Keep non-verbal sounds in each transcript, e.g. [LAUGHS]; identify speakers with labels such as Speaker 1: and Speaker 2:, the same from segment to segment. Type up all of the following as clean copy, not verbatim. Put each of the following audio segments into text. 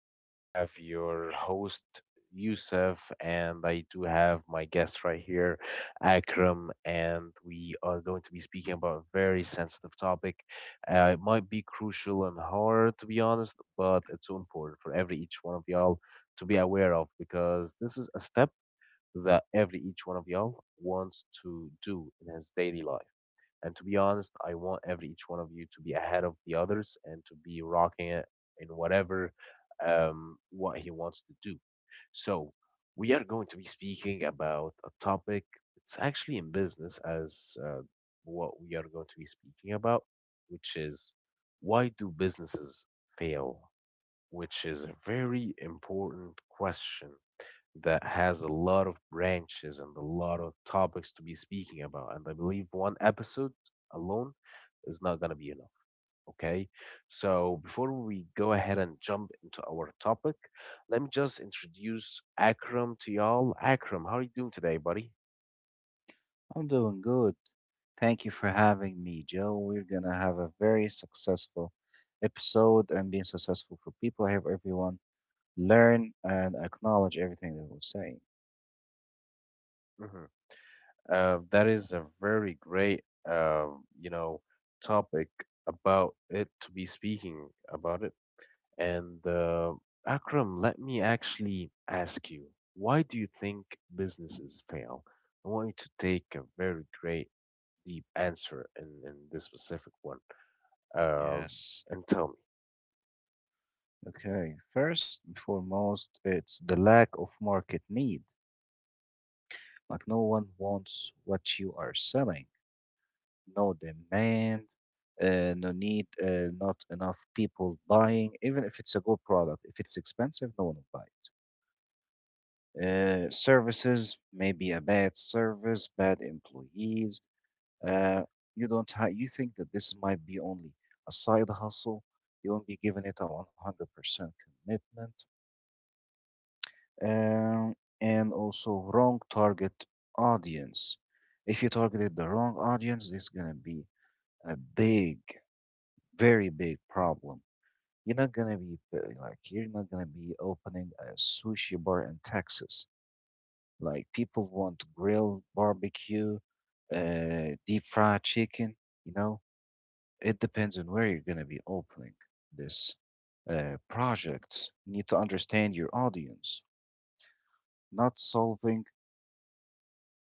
Speaker 1: you have your host Yusuf, and I do have my guest right here, Akram, and we are going to be speaking about a very sensitive topic. It might be crucial and hard to be honest, but it's so important for every each one of y'all to be aware of because this is a step that every each one of y'all wants to do in his daily life. And to be honest, I want every each one of you to be ahead of the others and to be rocking it in whatever what he wants to do. So we are going to be speaking about a topic. It's actually in business as, what we are going to be speaking about, which is, why do businesses fail? Which is a very important question that has a lot of branches and a lot of topics to be speaking about. And I believe one episode alone is not going to be enough. Okay. So before we go ahead and jump into our topic, let me just introduce Akram to y'all. Akram, how are you doing today, buddy?
Speaker 2: I'm doing good. Thank you for having me, Joe. We're gonna have a very successful episode, and being successful for people, I hope everyone learn and acknowledge everything that we're saying.
Speaker 1: Mhm. That is a very great, topic about it to be speaking about it. And Akram, let me actually ask you, why do you think businesses fail? I want you to take a very great, deep answer in this specific one, um,
Speaker 2: Yes.
Speaker 1: and tell me.
Speaker 2: Okay, first and foremost, it's the lack of market need. Like no one wants what you are selling. No demand, no need, not enough people buying. Even if it's a good product, if it's expensive, no one will buy. Services, maybe a bad service, bad employees. Uh, you don't ha- you think that this might be only a side hustle. You won't be giving it a 100% commitment. Um, and also wrong target audience. If you targeted the wrong audience, this is gonna be a big, very big problem. You're not gonna be like you're not gonna be opening a sushi bar in Texas. Like people want grill, barbecue, deep fried chicken. You know, it depends on where you're gonna be opening this project. You need to understand your audience, not solving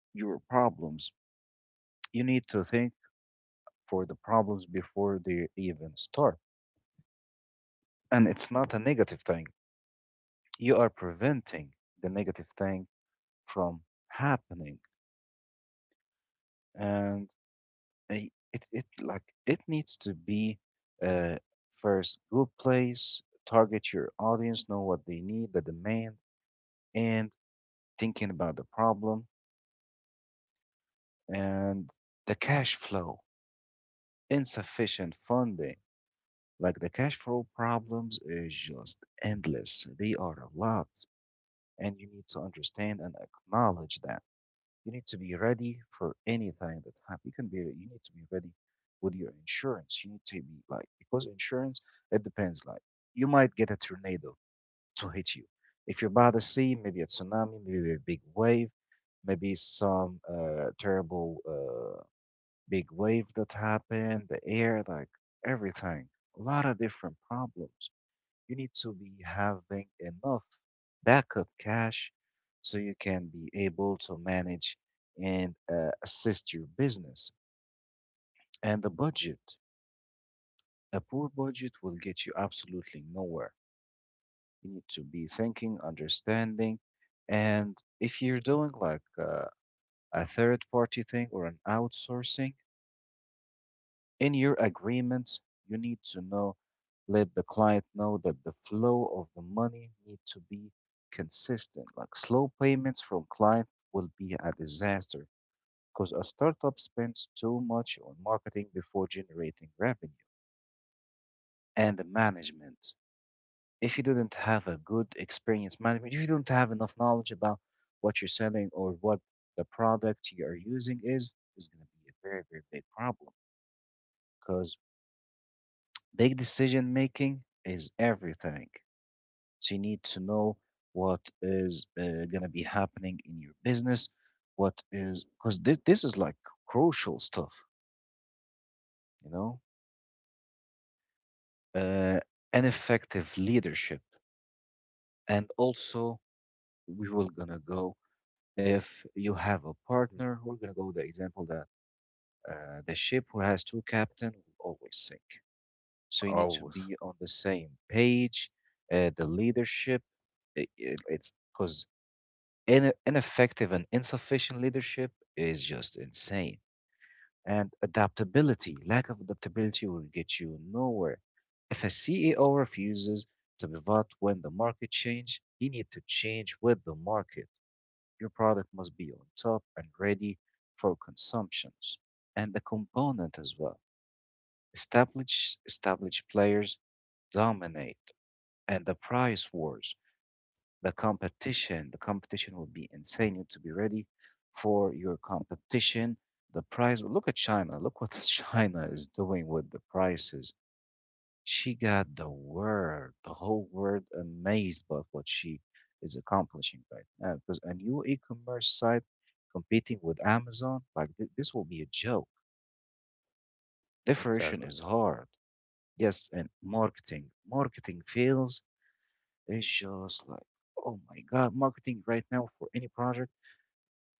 Speaker 2: your problems. You need to think for the problems before they even start. And it's not a negative thing. You are preventing the negative thing from happening. And it like it needs to be uh first good place, target your audience, know what they need, the demand, and thinking about the problem, and the cash flow, insufficient funding. Like the cash flow problems is just endless, they are a lot, and you need to understand and acknowledge that. You need to be ready for anything that happens. You need to be ready with your insurance. You need to be like because insurance it depends. Like you might get a tornado to hit you. If you're by the sea, maybe a tsunami, maybe a big wave, maybe some terrible big wave that happened, the air, like everything. A lot of different problems, you need to be having enough backup cash so you can be able to manage and assist your business and the budget. A poor budget will get you absolutely nowhere. You need to be thinking, understanding, and if you're doing like a third party thing or an outsourcing, in your agreement, you need to know, let the client know that the flow of the money need to be consistent. Like slow payments from client will be a disaster because a startup spends too much on marketing before generating revenue, and the management. If you didn't have a good experience management, if you don't have enough knowledge about what you're selling or what the product you are using is going to be a very, very big problem because big decision making is everything. So you need to know what is gonna be happening in your business, what is, because this is like crucial stuff, you know, uh, and effective leadership. And also, we will gonna go if you have a
Speaker 1: Mhm.
Speaker 2: partner. We're gonna go with the example that the ship who has two captain will always sink. So you need to
Speaker 1: Always.
Speaker 2: be on the same page. The leadership, it's because ineffective and insufficient leadership is just insane. And adaptability, lack of adaptability will get you nowhere. If a CEO refuses to pivot when the market change, he need to change with the market. Your product must be on top and ready for consumptions. And the component as well. Established players dominate, and the price wars, the competition. The competition will be insane. You need to be ready for your competition. The price. Look at China. Look what [LAUGHS] China is doing with the prices. She got the world, the whole world amazed by what she is accomplishing right now. Because a new e-commerce site competing with Amazon, like this will be a joke. Differentiation
Speaker 1: Exactly.
Speaker 2: is hard. Yes, and marketing. Marketing fails. It's just like, oh my God, marketing right now for any project,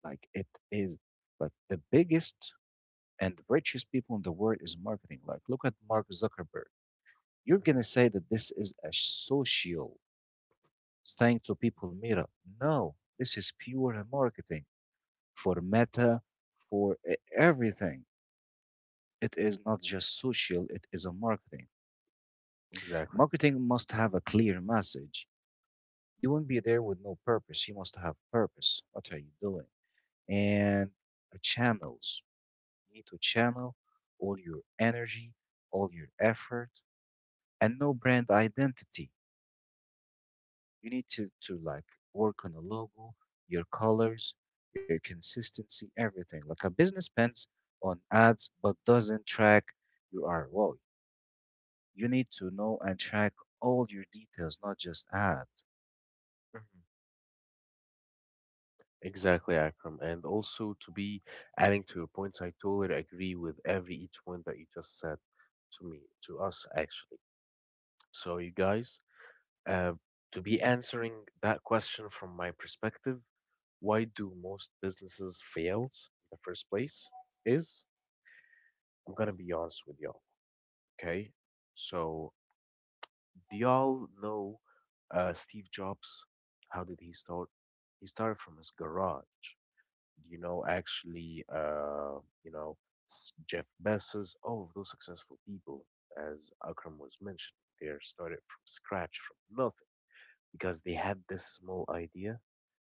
Speaker 2: like it is like the biggest and richest people in the world is marketing. Like look at Mark Zuckerberg. You're
Speaker 1: Mhm.
Speaker 2: gonna say that this is a social thing to people meetup. No, this is pure marketing for
Speaker 1: Mhm.
Speaker 2: Meta, for everything. It is not just social, it is a marketing.
Speaker 1: Exactly.
Speaker 2: Marketing must have a clear message. You won't be there with no purpose. You must have purpose. What are you doing? And channels. You need to channel all your energy, all your effort, and no brand identity. You need to, like work on a logo, your colors, your consistency, everything. Like a business spends on ads but doesn't track your ROI. You need to know and track all your details, not just ads.
Speaker 1: Exactly, Akram. And also to be adding to your points, I totally agree with every each one that you just said to me, to us actually. So you guys, uh, to be answering that question from my perspective, why do most businesses fails in the first place? Is, I'm gonna be honest with y'all, okay? So do y'all know, Steve Jobs? How did he start? He started from his garage. You know, actually, you know, s- Jeff Bezos, all of those successful people, as Akram was mentioning, they are started from scratch, from nothing, because they had this small idea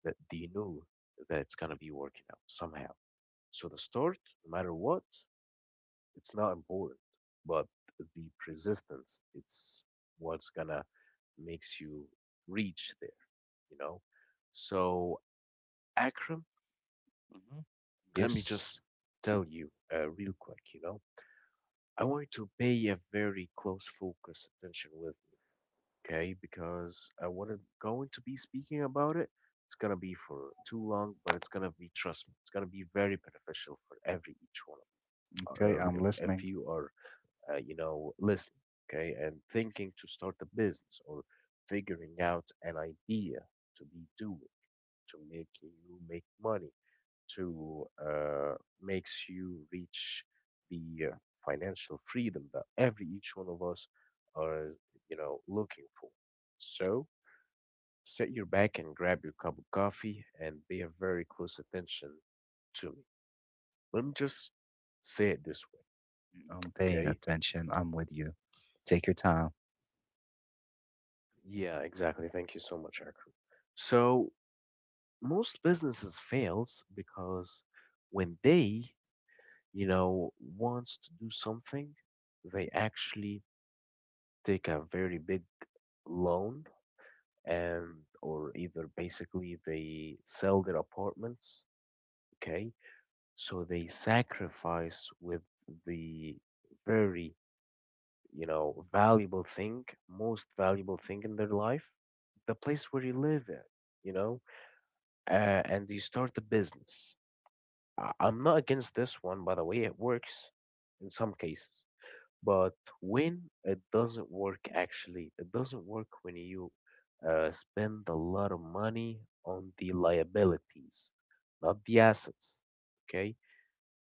Speaker 1: that they knew that it's gonna be working out somehow. So the start, no matter what, it's not important, but the persistence, it's what's gonna makes you reach there, you know. So Akram,
Speaker 2: Mhm.
Speaker 1: let me just
Speaker 2: Yes.
Speaker 1: tell you, real quick, I want you to pay a very close focus attention with me, okay? Because, what I'm going to be speaking about it, it's gonna be for too long, but it's gonna be, trust me, it's gonna be very beneficial for every each one of
Speaker 2: Okay,
Speaker 1: if
Speaker 2: I'm
Speaker 1: if
Speaker 2: listening.
Speaker 1: you are, you know, listening, okay, and thinking to start a business or figuring out an idea to be doing to make you make money to, makes you reach the, financial freedom that every each one of us are looking for. So sit your back and grab your cup of coffee and pay a very close attention to me. Let me just
Speaker 2: Mm, I'm
Speaker 1: say it this
Speaker 2: paying
Speaker 1: way,
Speaker 2: attention. I'm with you.
Speaker 1: okay?
Speaker 2: Take your time.
Speaker 1: Yeah, exactly. Thank you so much, Akram. So most businesses fails because when they wants to do something, they actually take a very big loan, and or either basically they sell their apartments, okay, so they sacrifice with the very, valuable thing, most valuable thing in their life, the place where you live in, you know and you start a business. I'm not against this one, by the way, it works in some cases. But when it doesn't work, actually, it doesn't work when you, spend a lot of money on the liabilities, not the assets. Okay?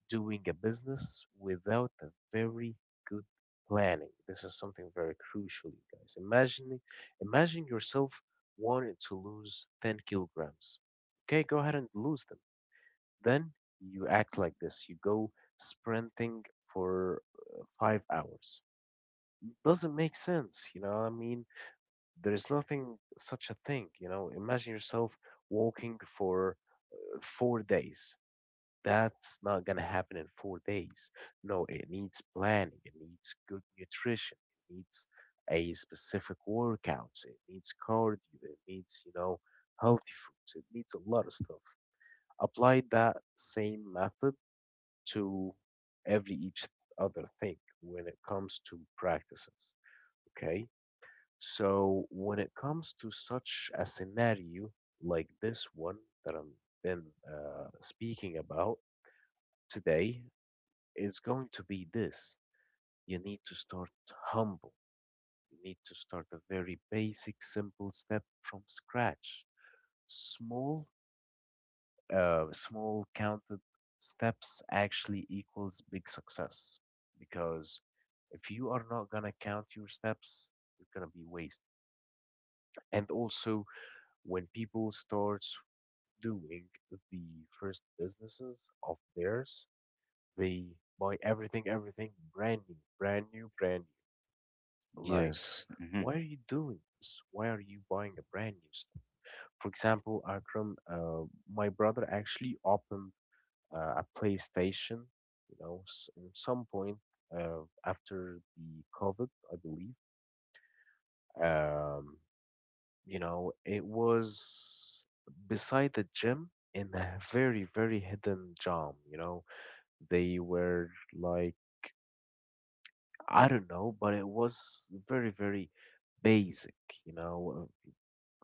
Speaker 1: Doing a business without a very good planning. This is something very crucial, you guys. Imagine, imagine yourself wanting to lose 10 kilograms. Okay, go ahead and lose them. Then you act like this. You go sprinting for, 5 hours, doesn't make sense. I mean, there is nothing such a thing. Imagine yourself walking for, 4 days. That's not gonna happen in 4 days. No, it needs planning, it needs good nutrition, it needs a specific workouts, it needs cardio, it needs, healthy foods, it needs a lot of stuff. Apply that same method to every each other thing when it comes to practices. Okay. So when it comes to such a scenario like this one that I've been, speaking about today, is going to be this. You need to start humble. You need to start a very basic, simple step from scratch. Small, small counted steps actually equals big success, because if you are not gonna count your steps, you're gonna be wasted. And also, when people starts doing the first businesses of theirs. They buy everything, everything brand new, brand new, brand new. Like,
Speaker 2: Yes. Hmm.
Speaker 1: why are you doing this? Why are you buying a brand new stuff? For example, Akram, my brother actually opened, a PlayStation, in some point, after the COVID, I believe. Um, it was beside the gym in a very, very hidden gem. They were like, I don't know, but it was very, very basic, you know,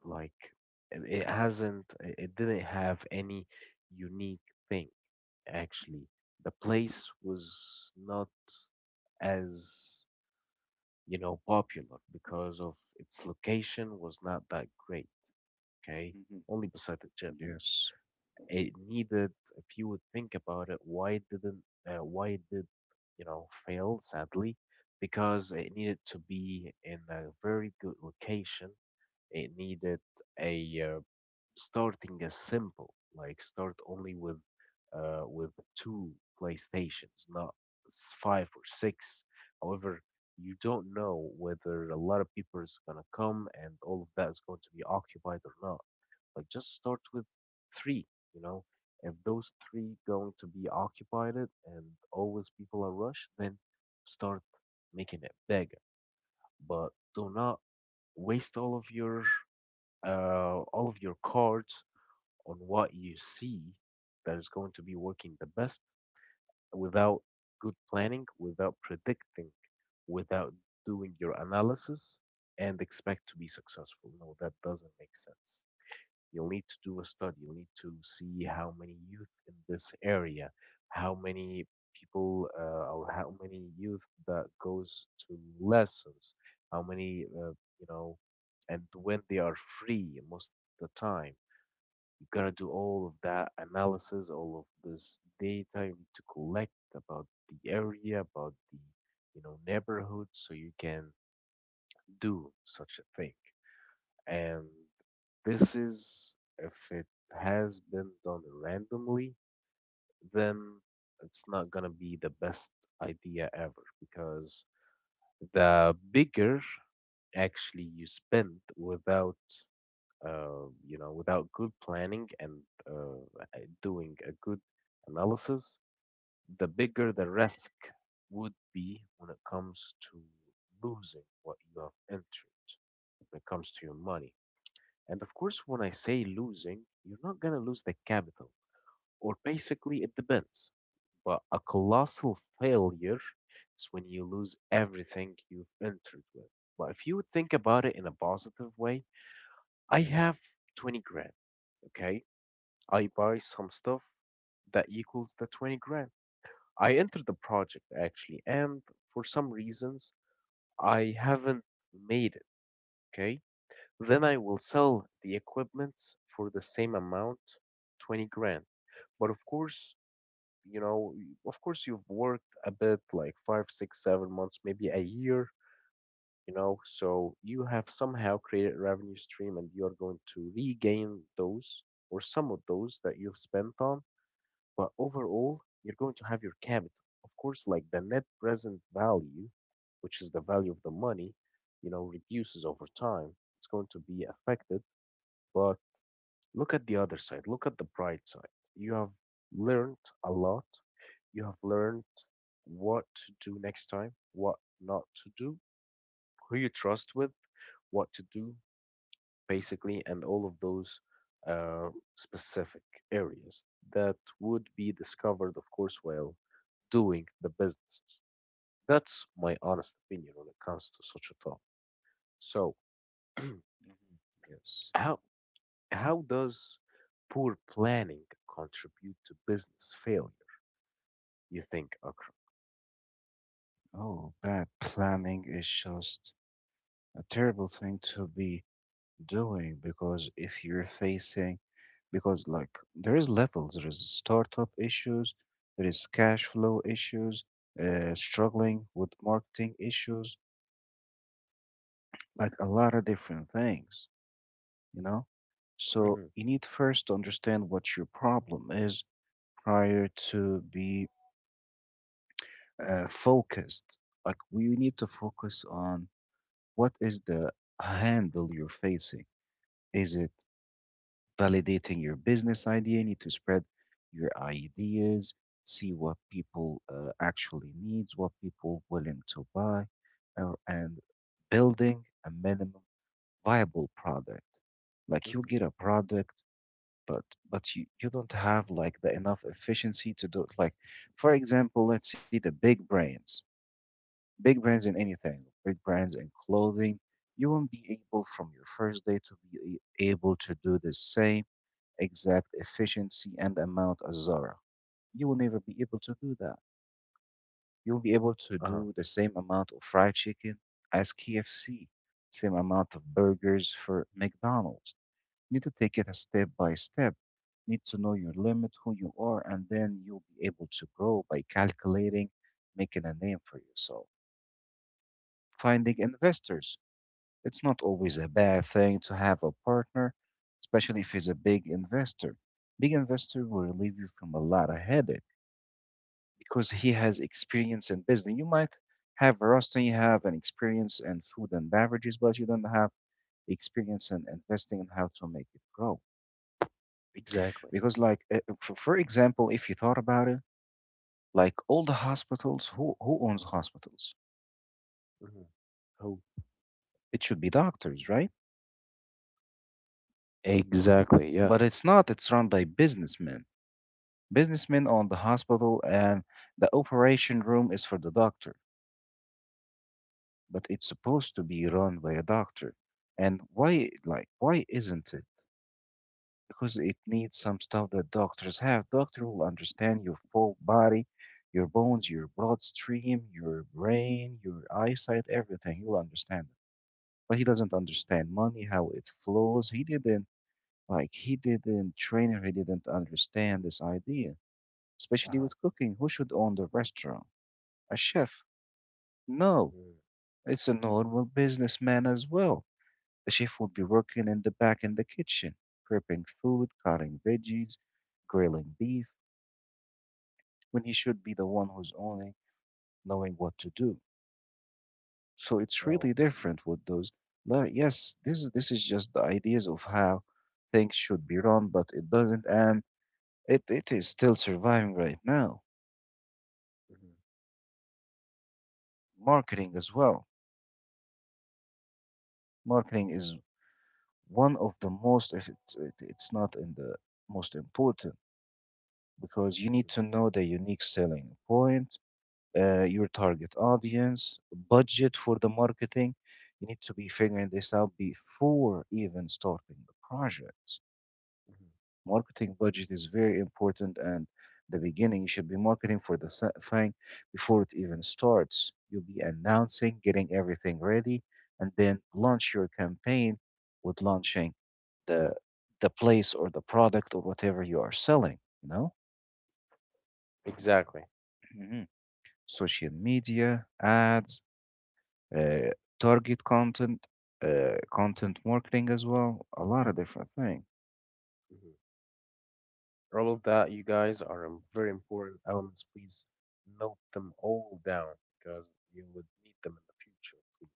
Speaker 1: like it hasn't, it didn't have any unique thing, actually. The place was not as, popular, because of its location was not that great, okay?
Speaker 2: Hmm.
Speaker 1: Only beside the gym.
Speaker 2: Yes.
Speaker 1: It needed, if you would think about it, why didn't, why it did fail sadly, because it needed to be in a very good location, it needed a, starting as simple, like start only with with two playstations, not five or six, however, you don't know whether a lot of people is going to come and all of that is going to be occupied or not, like just start with three, you know. If those three going to be occupied and always people are rushed, then start making it bigger. But do not waste all of your, all of your cards on what you see that is going to be working the best, without good planning, without predicting, without doing your analysis, and expect to be successful. No, that doesn't make sense. You'll need to do a study. You'll need to see how many youth in this area, how many people, or how many youth that goes to lessons, how many you know, and when they are free most of the time. You gotta do all of that analysis, all of this data you need to collect about the area, about the neighborhood, so you can do such a thing. And this is, if it has been done randomly, then it's not going to be the best idea ever, because the bigger actually you spend without, without good planning and doing a good analysis, the bigger the risk would be when it comes to losing what you have entered when it comes to your money. And of course, when I say losing, you're not going to lose the capital, or basically it depends. But a colossal failure is when you lose everything you've entered with. But if you would think about it in a positive way, I have 20 grand, okay? I buy some stuff that equals the 20 grand. I entered the project actually, and for some reasons, I haven't made it, okay? Then I will sell the equipment for the same amount, 20 grand. But of course, of course, you've worked a bit like 5, 6, 7 months, maybe a year, so you have somehow created a revenue stream and you're going to regain those or some of those that you've spent on. But overall, you're going to have your capital. Of course, like the net present value, which is the value of the money, reduces over time. It's going to be affected, but look at the other side. Look at the bright side. You have learned a lot. You have learned what to do next time, what not to do, who you trust with, what to do, basically, and all of those, uh, specific areas that would be discovered, of course, while doing the businesses. That's my honest opinion when it comes to such a topic. So, [CLEARS THROAT]
Speaker 2: Mhm. Yes.
Speaker 1: how how does poor planning contribute to business failure? You think occur.
Speaker 2: Oh, bad planning is just a terrible thing to be doing because if you're facing, because like there is levels, there is startup issues, there is cash flow issues, struggling with marketing issues, like a lot of different things, you know? So
Speaker 1: Mhm,
Speaker 2: you need first to understand what your problem is prior to be focused. Like we need to focus on what is the handle you're facing? Is it validating your business idea? You need to spread your ideas, see what people actually needs, what people willing to buy, or, and building a minimum viable product. Like you
Speaker 1: mhm,
Speaker 2: get a product, but you don't have like the enough efficiency to do it. Like for example, let's see the big brands. Big brands
Speaker 1: mhm.
Speaker 2: in anything, big brands in clothing, you won't be able from your first day to be able to do the same exact efficiency and amount as Zara. You will never be able to do that. You will be able to
Speaker 1: Uh-huh.
Speaker 2: do the same amount of fried chicken as KFC, same amount of burgers for McDonald's. You need to take it a step by step. Need to know your limit, who you are, and then you'll be able to grow by calculating, making a name for yourself, finding investors. It's not always a bad thing to have a partner, especially if he's a big investor. Big investor will relieve you from a lot of headache because he has experience in business. You might have Rustin, you have an experience in food and beverages, but you don't have experience in investing and how to make it grow.
Speaker 1: Exactly.
Speaker 2: Because, like, for example, if you thought about it, like all the hospitals, who owns hospitals?
Speaker 1: Mhm. Who?
Speaker 2: It should be doctors, right?
Speaker 1: Exactly. Yeah.
Speaker 2: But it's not, it's run by businessmen. Businessmen own the hospital, and the operation room is for the doctor, but it's supposed to be run by a doctor. And why, like, why isn't it? Because it needs some stuff that doctors have. Doctor will understand your full body, your
Speaker 1: Mhm.
Speaker 2: bones, your bloodstream, your brain, your eyesight, everything. You'll understand it. But he doesn't understand money, how it flows. He didn't, like he didn't train her, he didn't understand this idea, especially
Speaker 1: Uh-huh.
Speaker 2: with cooking. Who should own the restaurant? A chef. No,
Speaker 1: Mm.
Speaker 2: it's a normal businessman as well. The chef would be working in the back in the kitchen, prepping food, cutting veggies, grilling beef, when he should be the one who's only knowing what to do. So it's really
Speaker 1: Oh.
Speaker 2: different with those. Like, yes, this is just the ideas of how things should be run, but it doesn't, and it is still surviving right now.
Speaker 1: Mhm,
Speaker 2: Marketing as well. Marketing is one of the most, if it's not in the most important, because you need
Speaker 1: mhm,
Speaker 2: to know the unique selling point, your target audience, budget for the marketing. You need to be figuring this out before even starting the project.
Speaker 1: mhm.
Speaker 2: Marketing budget is very important, and the beginning you should be marketing for the thing before it even starts. You'll be announcing, getting everything ready, and then launch your campaign with launching the place or the product or whatever you are selling. You know.
Speaker 1: Exactly.
Speaker 2: Mhm. Social media, ads, uh, target content, content marketing as well, a lot of different things.
Speaker 1: Mhm. All of that, you guys, are very important elements. Please note them all down because you would need them in the future, please.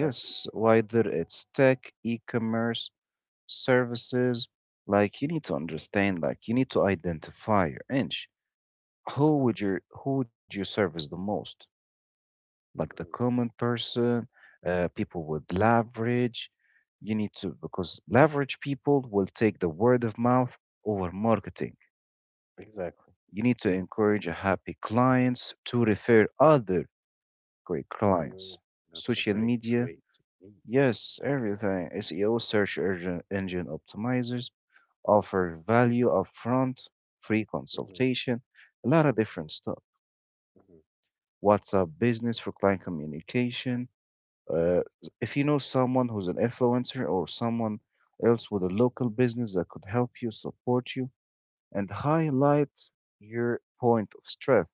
Speaker 1: Okay?
Speaker 2: whether it's tech, e-commerce, services, like you need to understand, like you need to identify your niche. Who
Speaker 1: Hmm.
Speaker 2: would you who would you service the most? Like the
Speaker 1: Hmm.
Speaker 2: common person, people with leverage. You need to, because leverage people will take the word of mouth over marketing.
Speaker 1: Exactly.
Speaker 2: You need to encourage happy clients to refer other great
Speaker 1: Mm,
Speaker 2: clients.
Speaker 1: that's a
Speaker 2: Social
Speaker 1: very
Speaker 2: media,
Speaker 1: great technique.
Speaker 2: yes, everything. SEO, search engine optimizers, offer value upfront, free
Speaker 1: Hmm.
Speaker 2: consultation, a lot of different stuff.
Speaker 1: Hmm.
Speaker 2: WhatsApp business for client communication. Uh, if you know someone who's an influencer or someone else with a local business that could help you, support you, and highlight your point of strength,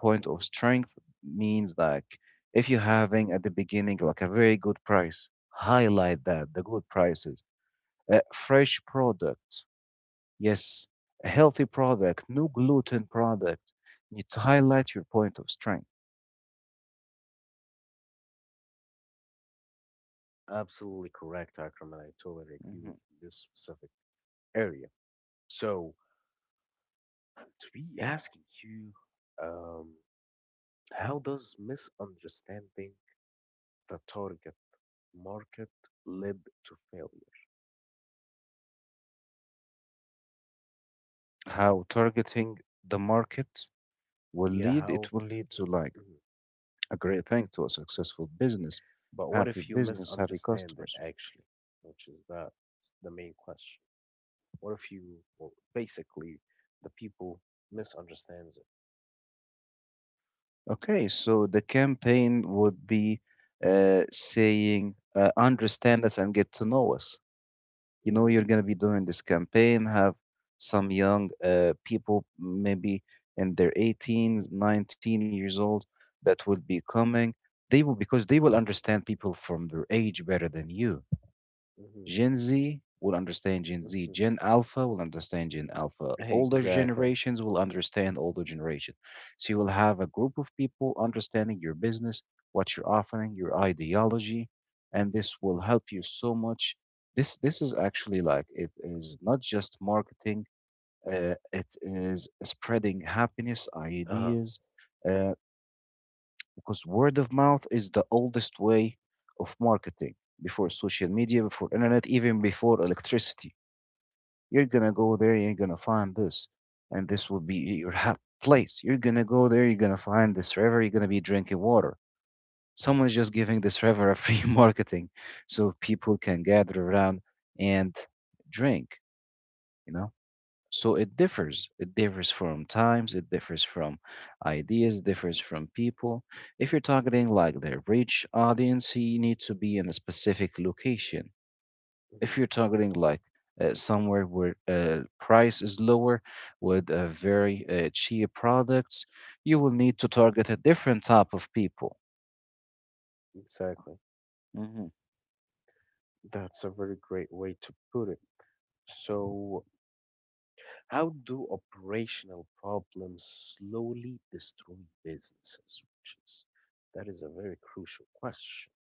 Speaker 2: point of
Speaker 1: Hmm.
Speaker 2: strength means like if you're having at the beginning like a very good price, highlight that the good prices, a fresh product, yes, a healthy product, no gluten product. You need to highlight your point of strength.
Speaker 1: Absolutely correct, Akram, and I totally agree
Speaker 2: Mhm.
Speaker 1: with you in this specific area. So, to be asking you, um, how does misunderstanding the target market led to failure.
Speaker 2: How targeting the market will
Speaker 1: Yeah,
Speaker 2: lead, it
Speaker 1: how?
Speaker 2: will lead to like
Speaker 1: Mhm.
Speaker 2: a great thing to a successful
Speaker 1: But what if you
Speaker 2: business, happy
Speaker 1: misunderstand it
Speaker 2: customers.
Speaker 1: actually, which is that's the main question. What if you, or basically, the people misunderstands it?
Speaker 2: Okay, so the campaign would be saying, understand us and get to know us. You know, you're
Speaker 1: Mm,
Speaker 2: going to be doing this campaign, have some young people, maybe in their 18, 19 years old, that will be coming. They will, because they will understand people from their age better than you.
Speaker 1: hmm
Speaker 2: Gen Z will understand Gen Z.
Speaker 1: hmm
Speaker 2: Gen Alpha will understand Gen Alpha.
Speaker 1: [LAUGHS]
Speaker 2: Older
Speaker 1: Exactly.
Speaker 2: generations will understand older generation. So you will have a group of people understanding your business, what you're offering, your ideology, and this will help you so much. This is actually like it is not just marketing. It is spreading happiness,
Speaker 1: Uh-huh.
Speaker 2: ideas. Uh, because word of mouth is the oldest way of marketing before social media, before internet, even before electricity. You're gonna go there, you're gonna find this, and this will be your place. You're gonna go there, you're gonna find this river, you're gonna be drinking water. Someone's just giving this river a free [LAUGHS] marketing, so people can gather around and drink, you know? So it differs from times, it differs from ideas, differs from people. If you're targeting
Speaker 1: Hmm
Speaker 2: like the rich audience, you need to be in a specific location. If
Speaker 1: hmm
Speaker 2: you're targeting like somewhere where price is lower with a very cheap products, you will need to target a different type of people.
Speaker 1: Exactly.
Speaker 2: hmm
Speaker 1: That's a very great way to put it. So, how do operational problems slowly destroy businesses? Which is that is a very crucial question.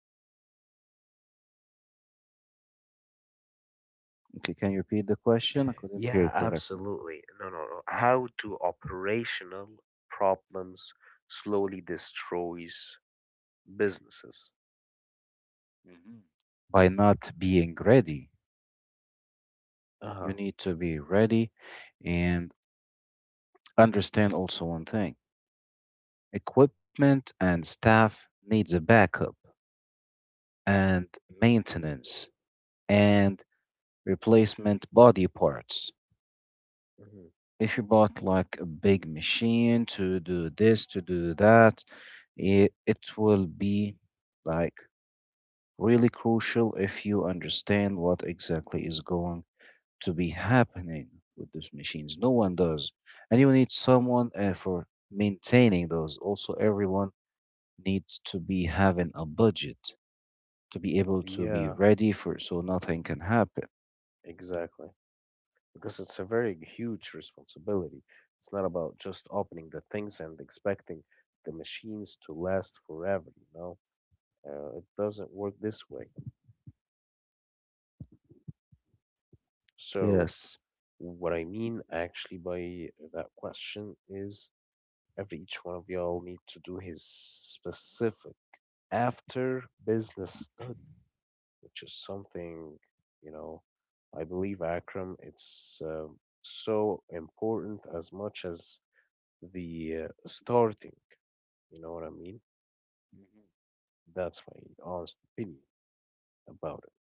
Speaker 2: okay, can you repeat the question? I couldn't hear
Speaker 1: Yeah,
Speaker 2: it correctly.
Speaker 1: absolutely. No, no, no. How do operational problems slowly destroys businesses?
Speaker 2: Mhm. By not being ready.
Speaker 1: Uh-huh.
Speaker 2: You need to be ready and understand also one thing: equipment and staff needs a backup and maintenance and replacement body parts.
Speaker 1: Hmm
Speaker 2: If you bought like a big machine to do this, to do that, it will be like really crucial if you understand what exactly is going to be happening with these machines. No
Speaker 1: hmm
Speaker 2: one does. And you need someone for maintaining those. Also, everyone needs to be having a budget to be able to be
Speaker 1: Yeah,
Speaker 2: ready for it so nothing can happen.
Speaker 1: exactly. Because it's a very huge responsibility. It's not about just opening the things and expecting the machines to last forever, you know? It doesn't work this way. So,
Speaker 2: Yes.
Speaker 1: what I mean actually by that question is every each one of y'all need to do his specific after business study, which is something, you know, I believe Akram, it's so important as much as the starting. You know what I mean?
Speaker 2: Mhm.
Speaker 1: That's my honest opinion about it.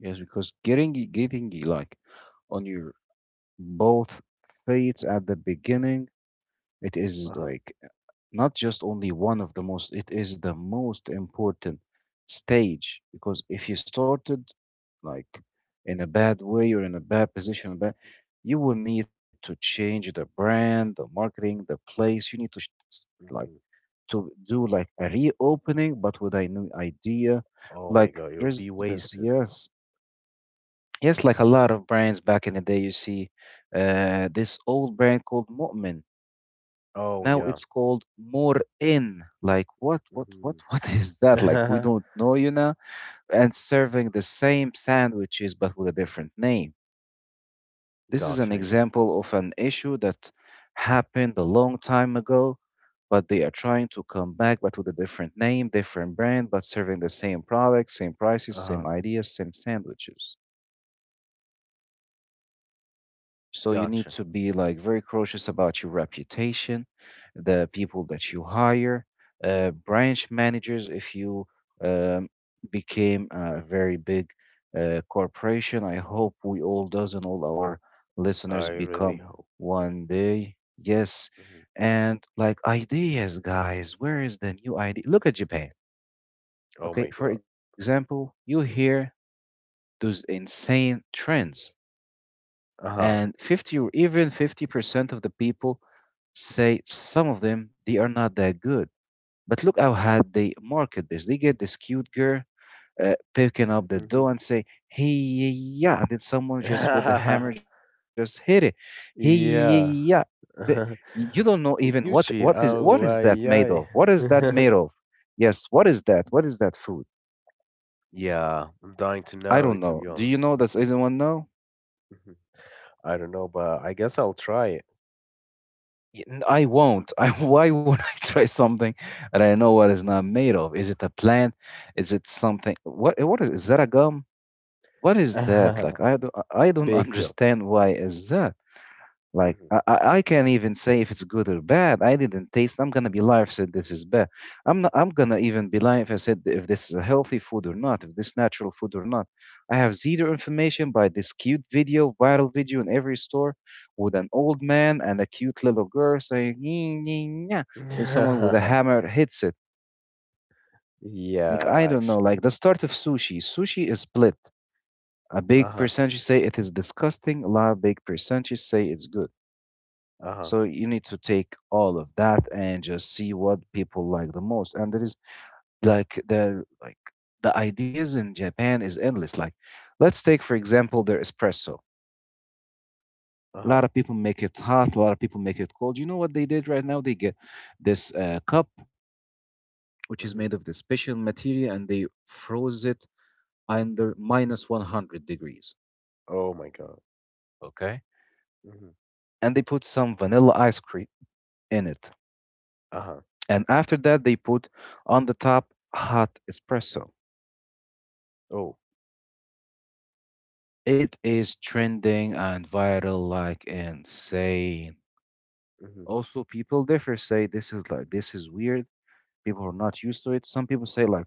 Speaker 2: Yes, because like on your both feet at the beginning, it
Speaker 1: Uh
Speaker 2: is
Speaker 1: huh.
Speaker 2: like not just only one of the most, it is the most important stage, because if you started like in a bad way or in a bad position, but you will need to change the brand, the marketing, the place. You need to like
Speaker 1: Mm.
Speaker 2: to do like a reopening, but with a new idea.
Speaker 1: Oh my God,
Speaker 2: Like
Speaker 1: you'll be
Speaker 2: there's this,
Speaker 1: wasted.
Speaker 2: yes, yes, like a lot of brands back in the day. You see, this old brand called Mu'min.
Speaker 1: Oh
Speaker 2: Now
Speaker 1: yeah.
Speaker 2: it's called More In. Like what,
Speaker 1: Mm-hmm.
Speaker 2: [LAUGHS] what is that? Like we don't know. And serving the same sandwiches but with a different name.
Speaker 1: [LAUGHS]
Speaker 2: This is an
Speaker 1: Gotcha. Yeah.
Speaker 2: example of an issue that happened a long time ago, but they are trying to come back, but with a different name, different brand, but serving the same product, same prices,
Speaker 1: Uh
Speaker 2: same
Speaker 1: huh.
Speaker 2: ideas, same sandwiches. So you need
Speaker 1: Gotcha.
Speaker 2: to be like very cautious about your reputation, the people that you hire, branch managers. If you um, became a very big corporation, I hope we all does and all our
Speaker 1: I
Speaker 2: listeners
Speaker 1: really
Speaker 2: become
Speaker 1: hope.
Speaker 2: one day. Yes,
Speaker 1: Mhm.
Speaker 2: and like ideas, guys. Where is the new idea? Look at Japan.
Speaker 1: Oh my
Speaker 2: Okay, for
Speaker 1: God.
Speaker 2: example, you hear those insane trends,
Speaker 1: Uh huh.
Speaker 2: and 50 or even 50% of the people say some of them they are not that good, but look how hard they market this. They get this cute girl picking up the dough
Speaker 1: Mhm.
Speaker 2: and say, "Hey yeah yeah," and then someone just with the hammer
Speaker 1: [LAUGHS]
Speaker 2: just hit it, "Hey yeah yeah."
Speaker 1: Yeah.
Speaker 2: The-
Speaker 1: [LAUGHS]
Speaker 2: you don't know even
Speaker 1: Gucci.
Speaker 2: what is
Speaker 1: Oh,
Speaker 2: that
Speaker 1: uh,
Speaker 2: made of
Speaker 1: yeah.
Speaker 2: what is that made of Yes, what is that food?
Speaker 1: [LAUGHS] Yeah, I'm dying to
Speaker 2: I don't
Speaker 1: know, to
Speaker 2: know,
Speaker 1: be
Speaker 2: do you
Speaker 1: honest.
Speaker 2: know, does anyone know?
Speaker 1: Mhm. I don't know, but I guess I'll try it.
Speaker 2: I won't. [LAUGHS] Why would I try something that I know what it's not made of? Is it a plant? Is it something? What? What is? Is that a gum? What is that? Like
Speaker 1: [LAUGHS]
Speaker 2: I don't. I don't [LAUGHS]
Speaker 1: Big.
Speaker 2: understand why is that. Like
Speaker 1: Mhm.
Speaker 2: I can't even say if it's good or bad. I didn't taste. I'm gonna be liar if I said this is bad. I'm not. I'm gonna even be lying if I said if this is a healthy food or not. If this natural food or not. I have zero information by this cute video, viral video in every store, with an old man and a cute little girl saying, "Nyeh, nyeh, nyeh," and someone with a hammer hits it.
Speaker 1: [LAUGHS]
Speaker 2: Like I
Speaker 1: Yeah,
Speaker 2: don't know.
Speaker 1: actually.
Speaker 2: Like the start of sushi. Sushi is split. A
Speaker 1: Uh
Speaker 2: big
Speaker 1: huh.
Speaker 2: percentage say it is disgusting. A lot of big percentage say it's good.
Speaker 1: Uh huh.
Speaker 2: So you need to take all of that and just see what people like the most. And there is like the ideas in Japan is endless. Like let's take for example their espresso.
Speaker 1: Uh
Speaker 2: A
Speaker 1: huh.
Speaker 2: lot of people make it hot, a lot of people make it cold. You know what they did right now? They get this cup which is
Speaker 1: Mhm.
Speaker 2: made of this special material and they froze it under minus 100 degrees,
Speaker 1: Oh my God.
Speaker 2: okay?
Speaker 1: Mhm.
Speaker 2: And they put some vanilla ice cream in it.
Speaker 1: Uh huh.
Speaker 2: And after that they put on the top hot espresso.
Speaker 1: Oh.
Speaker 2: It is trending and viral like insane.
Speaker 1: Mhm.
Speaker 2: Also, people differ, say this is like this is weird. People are not used to it. Some people say like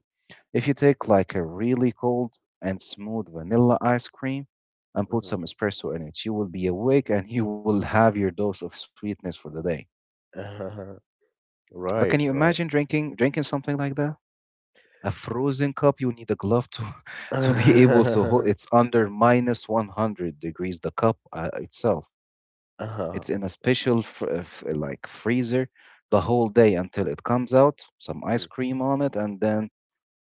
Speaker 2: if you take like a really cold and smooth vanilla ice cream and put
Speaker 1: Mhm.
Speaker 2: some espresso in it, you will be awake and you will have your dose of sweetness for the day.
Speaker 1: Uh-huh.
Speaker 2: But can you
Speaker 1: Right.
Speaker 2: imagine
Speaker 1: Right.
Speaker 2: drinking something like that? A frozen cup, you need a glove to
Speaker 1: [LAUGHS]
Speaker 2: [LAUGHS] to be able to hold.
Speaker 1: Uh
Speaker 2: It's under minus 100 degrees, the cup itself.
Speaker 1: huh.
Speaker 2: It's in a special like freezer the whole day until it comes out, some ice cream on it, and then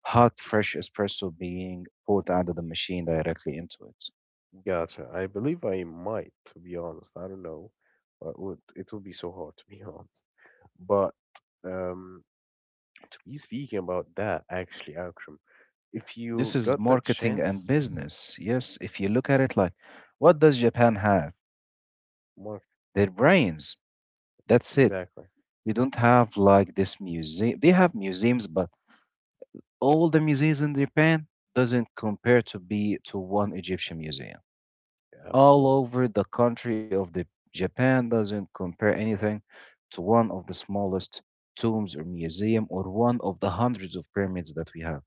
Speaker 2: hot fresh espresso being poured out of the machine directly into it.
Speaker 1: Gotcha. I believe I might, to be honest. I don't know. It would be so hard, to be [LAUGHS] honest. But um, to be speaking about that, actually, Akram, if
Speaker 2: This
Speaker 1: you
Speaker 2: is
Speaker 1: got the
Speaker 2: marketing and
Speaker 1: chance,
Speaker 2: business. Yes, if you look at it like, what does Japan have?
Speaker 1: Mark,
Speaker 2: Their brains. That's it.
Speaker 1: exactly.
Speaker 2: They don't have like this museum. They have museums, but all the museums in Japan doesn't compare to one Egyptian museum. All
Speaker 1: Absolutely.
Speaker 2: over the country of the Japan doesn't compare anything to one of the smallest tombs or museum or one of the hundreds of pyramids that we have.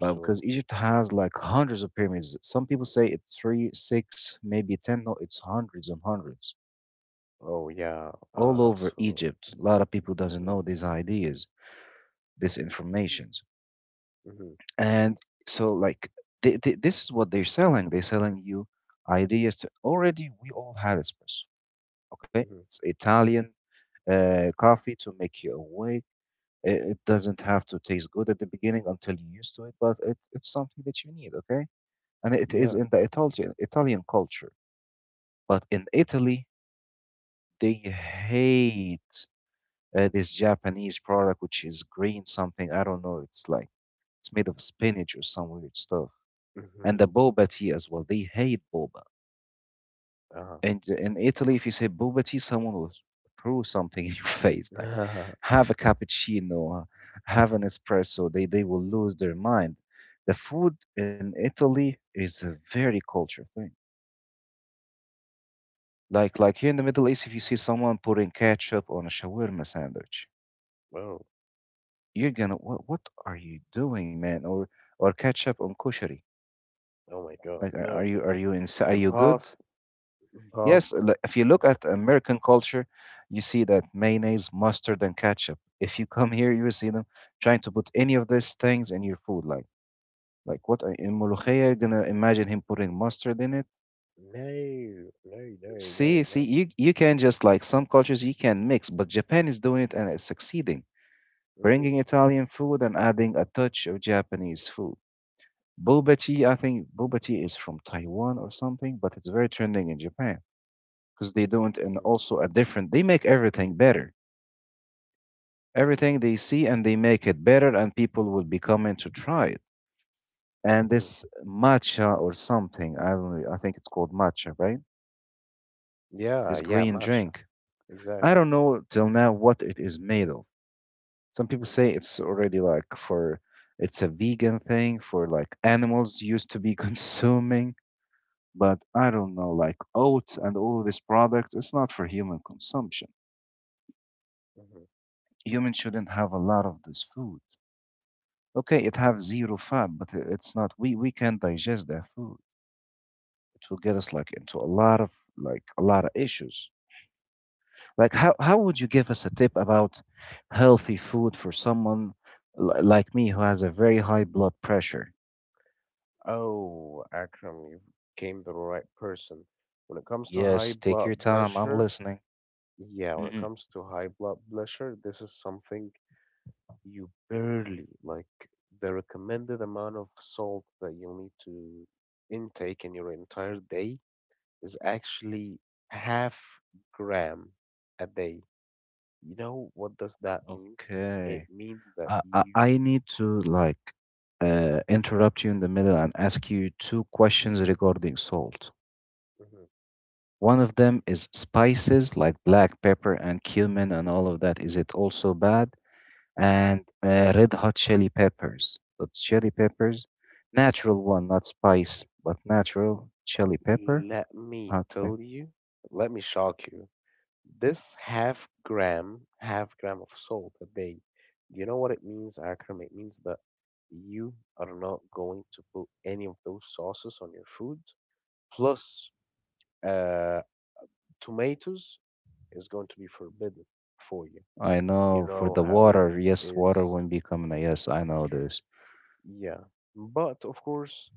Speaker 2: But because Egypt has like hundreds of pyramids, some people say it's three, six, maybe ten. No, it's hundreds and hundreds
Speaker 1: Oh, yeah.
Speaker 2: all over
Speaker 1: Absolutely.
Speaker 2: Egypt. A lot of people doesn't
Speaker 1: Hmm
Speaker 2: know these ideas, these informations,
Speaker 1: hmm
Speaker 2: and so like this is what they're selling. They're selling you ideas. To, already, we all had espresso. Okay,
Speaker 1: hmm
Speaker 2: it's Italian coffee to make you awake. It doesn't have to taste good at the beginning until you're used to it, but it's something that you need, okay? And it is
Speaker 1: Yeah.
Speaker 2: in the Italian culture. But in Italy, they hate this Japanese product, which is green something. I don't know. It's like it's made of spinach or some weird stuff.
Speaker 1: Hmm
Speaker 2: And the boba tea as well. They hate boba. And in Italy, if you say boba tea, someone will throw something in your [LAUGHS] face. Like,
Speaker 1: Uh-huh. [LAUGHS]
Speaker 2: have a cappuccino, have an espresso, they will lose their mind. The food in Italy is a very culture thing. Like here in the Middle East, if you see someone putting ketchup on a shawarma sandwich,
Speaker 1: Oh,
Speaker 2: you're gonna what are you doing, man? Or ketchup on kushari?
Speaker 1: oh my God.
Speaker 2: Like
Speaker 1: No.
Speaker 2: are you good?
Speaker 1: Impossible.
Speaker 2: Yes,
Speaker 1: Impossible.
Speaker 2: if you look at American culture, you see that mayonnaise, mustard, and ketchup. If you come here, you will see them trying to put any of these things in your food. Like in Molokhia, gonna imagine him putting mustard in it.
Speaker 1: No. No, no,
Speaker 2: See,
Speaker 1: no,
Speaker 2: see,
Speaker 1: no.
Speaker 2: you can just like some cultures you can mix, but Japan is doing it and it's succeeding,
Speaker 1: Mm.
Speaker 2: bringing Italian food and adding a touch of Japanese food. Boba tea, I think boba tea is from Taiwan or something, but it's very trending in Japan because they don't, and
Speaker 1: Mm-hmm,
Speaker 2: also a different. They make everything better,
Speaker 1: mhm,
Speaker 2: everything they see and they make it better, and people will be coming to try it. And
Speaker 1: mhm.
Speaker 2: this matcha or something, I don't know. I think it's called matcha, right?
Speaker 1: Yeah,
Speaker 2: This
Speaker 1: yeah,
Speaker 2: green
Speaker 1: matcha.
Speaker 2: drink. I
Speaker 1: Exactly.
Speaker 2: don't know till now what it is made of. Some people say it's already like for it's a vegan thing for like animals used to be [LAUGHS] consuming, but I don't know, like oats and all of these products, it's not for human consumption.
Speaker 1: Hmm
Speaker 2: Humans shouldn't have a lot of this food. Okay, it
Speaker 1: hmm
Speaker 2: have zero fat, but it's not. We can not digest that food. It will get us like into a lot of like a lot of issues. Like how would you give us a tip about healthy food for someone like me who has a very high blood pressure?
Speaker 1: Oh, Akram, you came the right person. When it comes to high
Speaker 2: Yes, take
Speaker 1: blood
Speaker 2: your time. I'm
Speaker 1: pressure,
Speaker 2: listening.
Speaker 1: yeah, when it
Speaker 2: Hmm.
Speaker 1: comes to high blood pressure, this is something you barely like the recommended amount of salt that you'll need to intake in your entire day is actually half gram a day. You know what does that means? It
Speaker 2: Okay.
Speaker 1: means that
Speaker 2: I, I
Speaker 1: you
Speaker 2: I need to like interrupt you in the middle and ask you two questions regarding salt.
Speaker 1: Mhm.
Speaker 2: One of them is spices like black pepper and cumin and all of that. Is it also bad? And red hot chili peppers. But chili peppers, natural one, not spice, but natural chili pepper.
Speaker 1: Let me
Speaker 2: Hot pe-
Speaker 1: tell you, let me shock you. This half gram of salt a day, you know what it means, Akram? It means that you are not going to put any of those sauces on your food. Plus, uh, tomatoes is going to be forbidden for you.
Speaker 2: I
Speaker 1: You
Speaker 2: know for
Speaker 1: know
Speaker 2: the
Speaker 1: how it
Speaker 2: water, yes, water
Speaker 1: is.
Speaker 2: won't be coming. Yes, I know this.
Speaker 1: Yeah. But of course,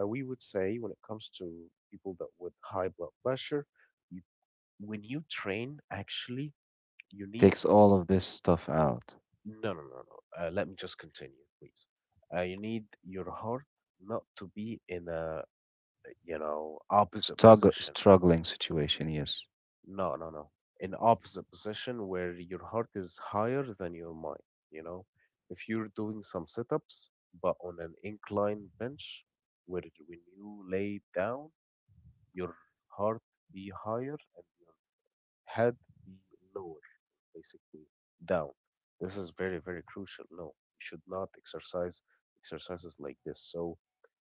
Speaker 1: we would say when it comes to people that with high blood pressure, you, when you train, actually, you need
Speaker 2: Takes all of this stuff out.
Speaker 1: no, no, no, no. Let me just continue, please. You need your heart not to be in a, you know, opposite position.
Speaker 2: Struggling situation, yes.
Speaker 1: No, no, no. In opposite position where your heart is higher than your mind. You know, if you're doing some sit-ups but on an incline bench, when you lay down, your heart be higher and head be lower, basically down. This is very, very crucial. No, you should not exercises like this. So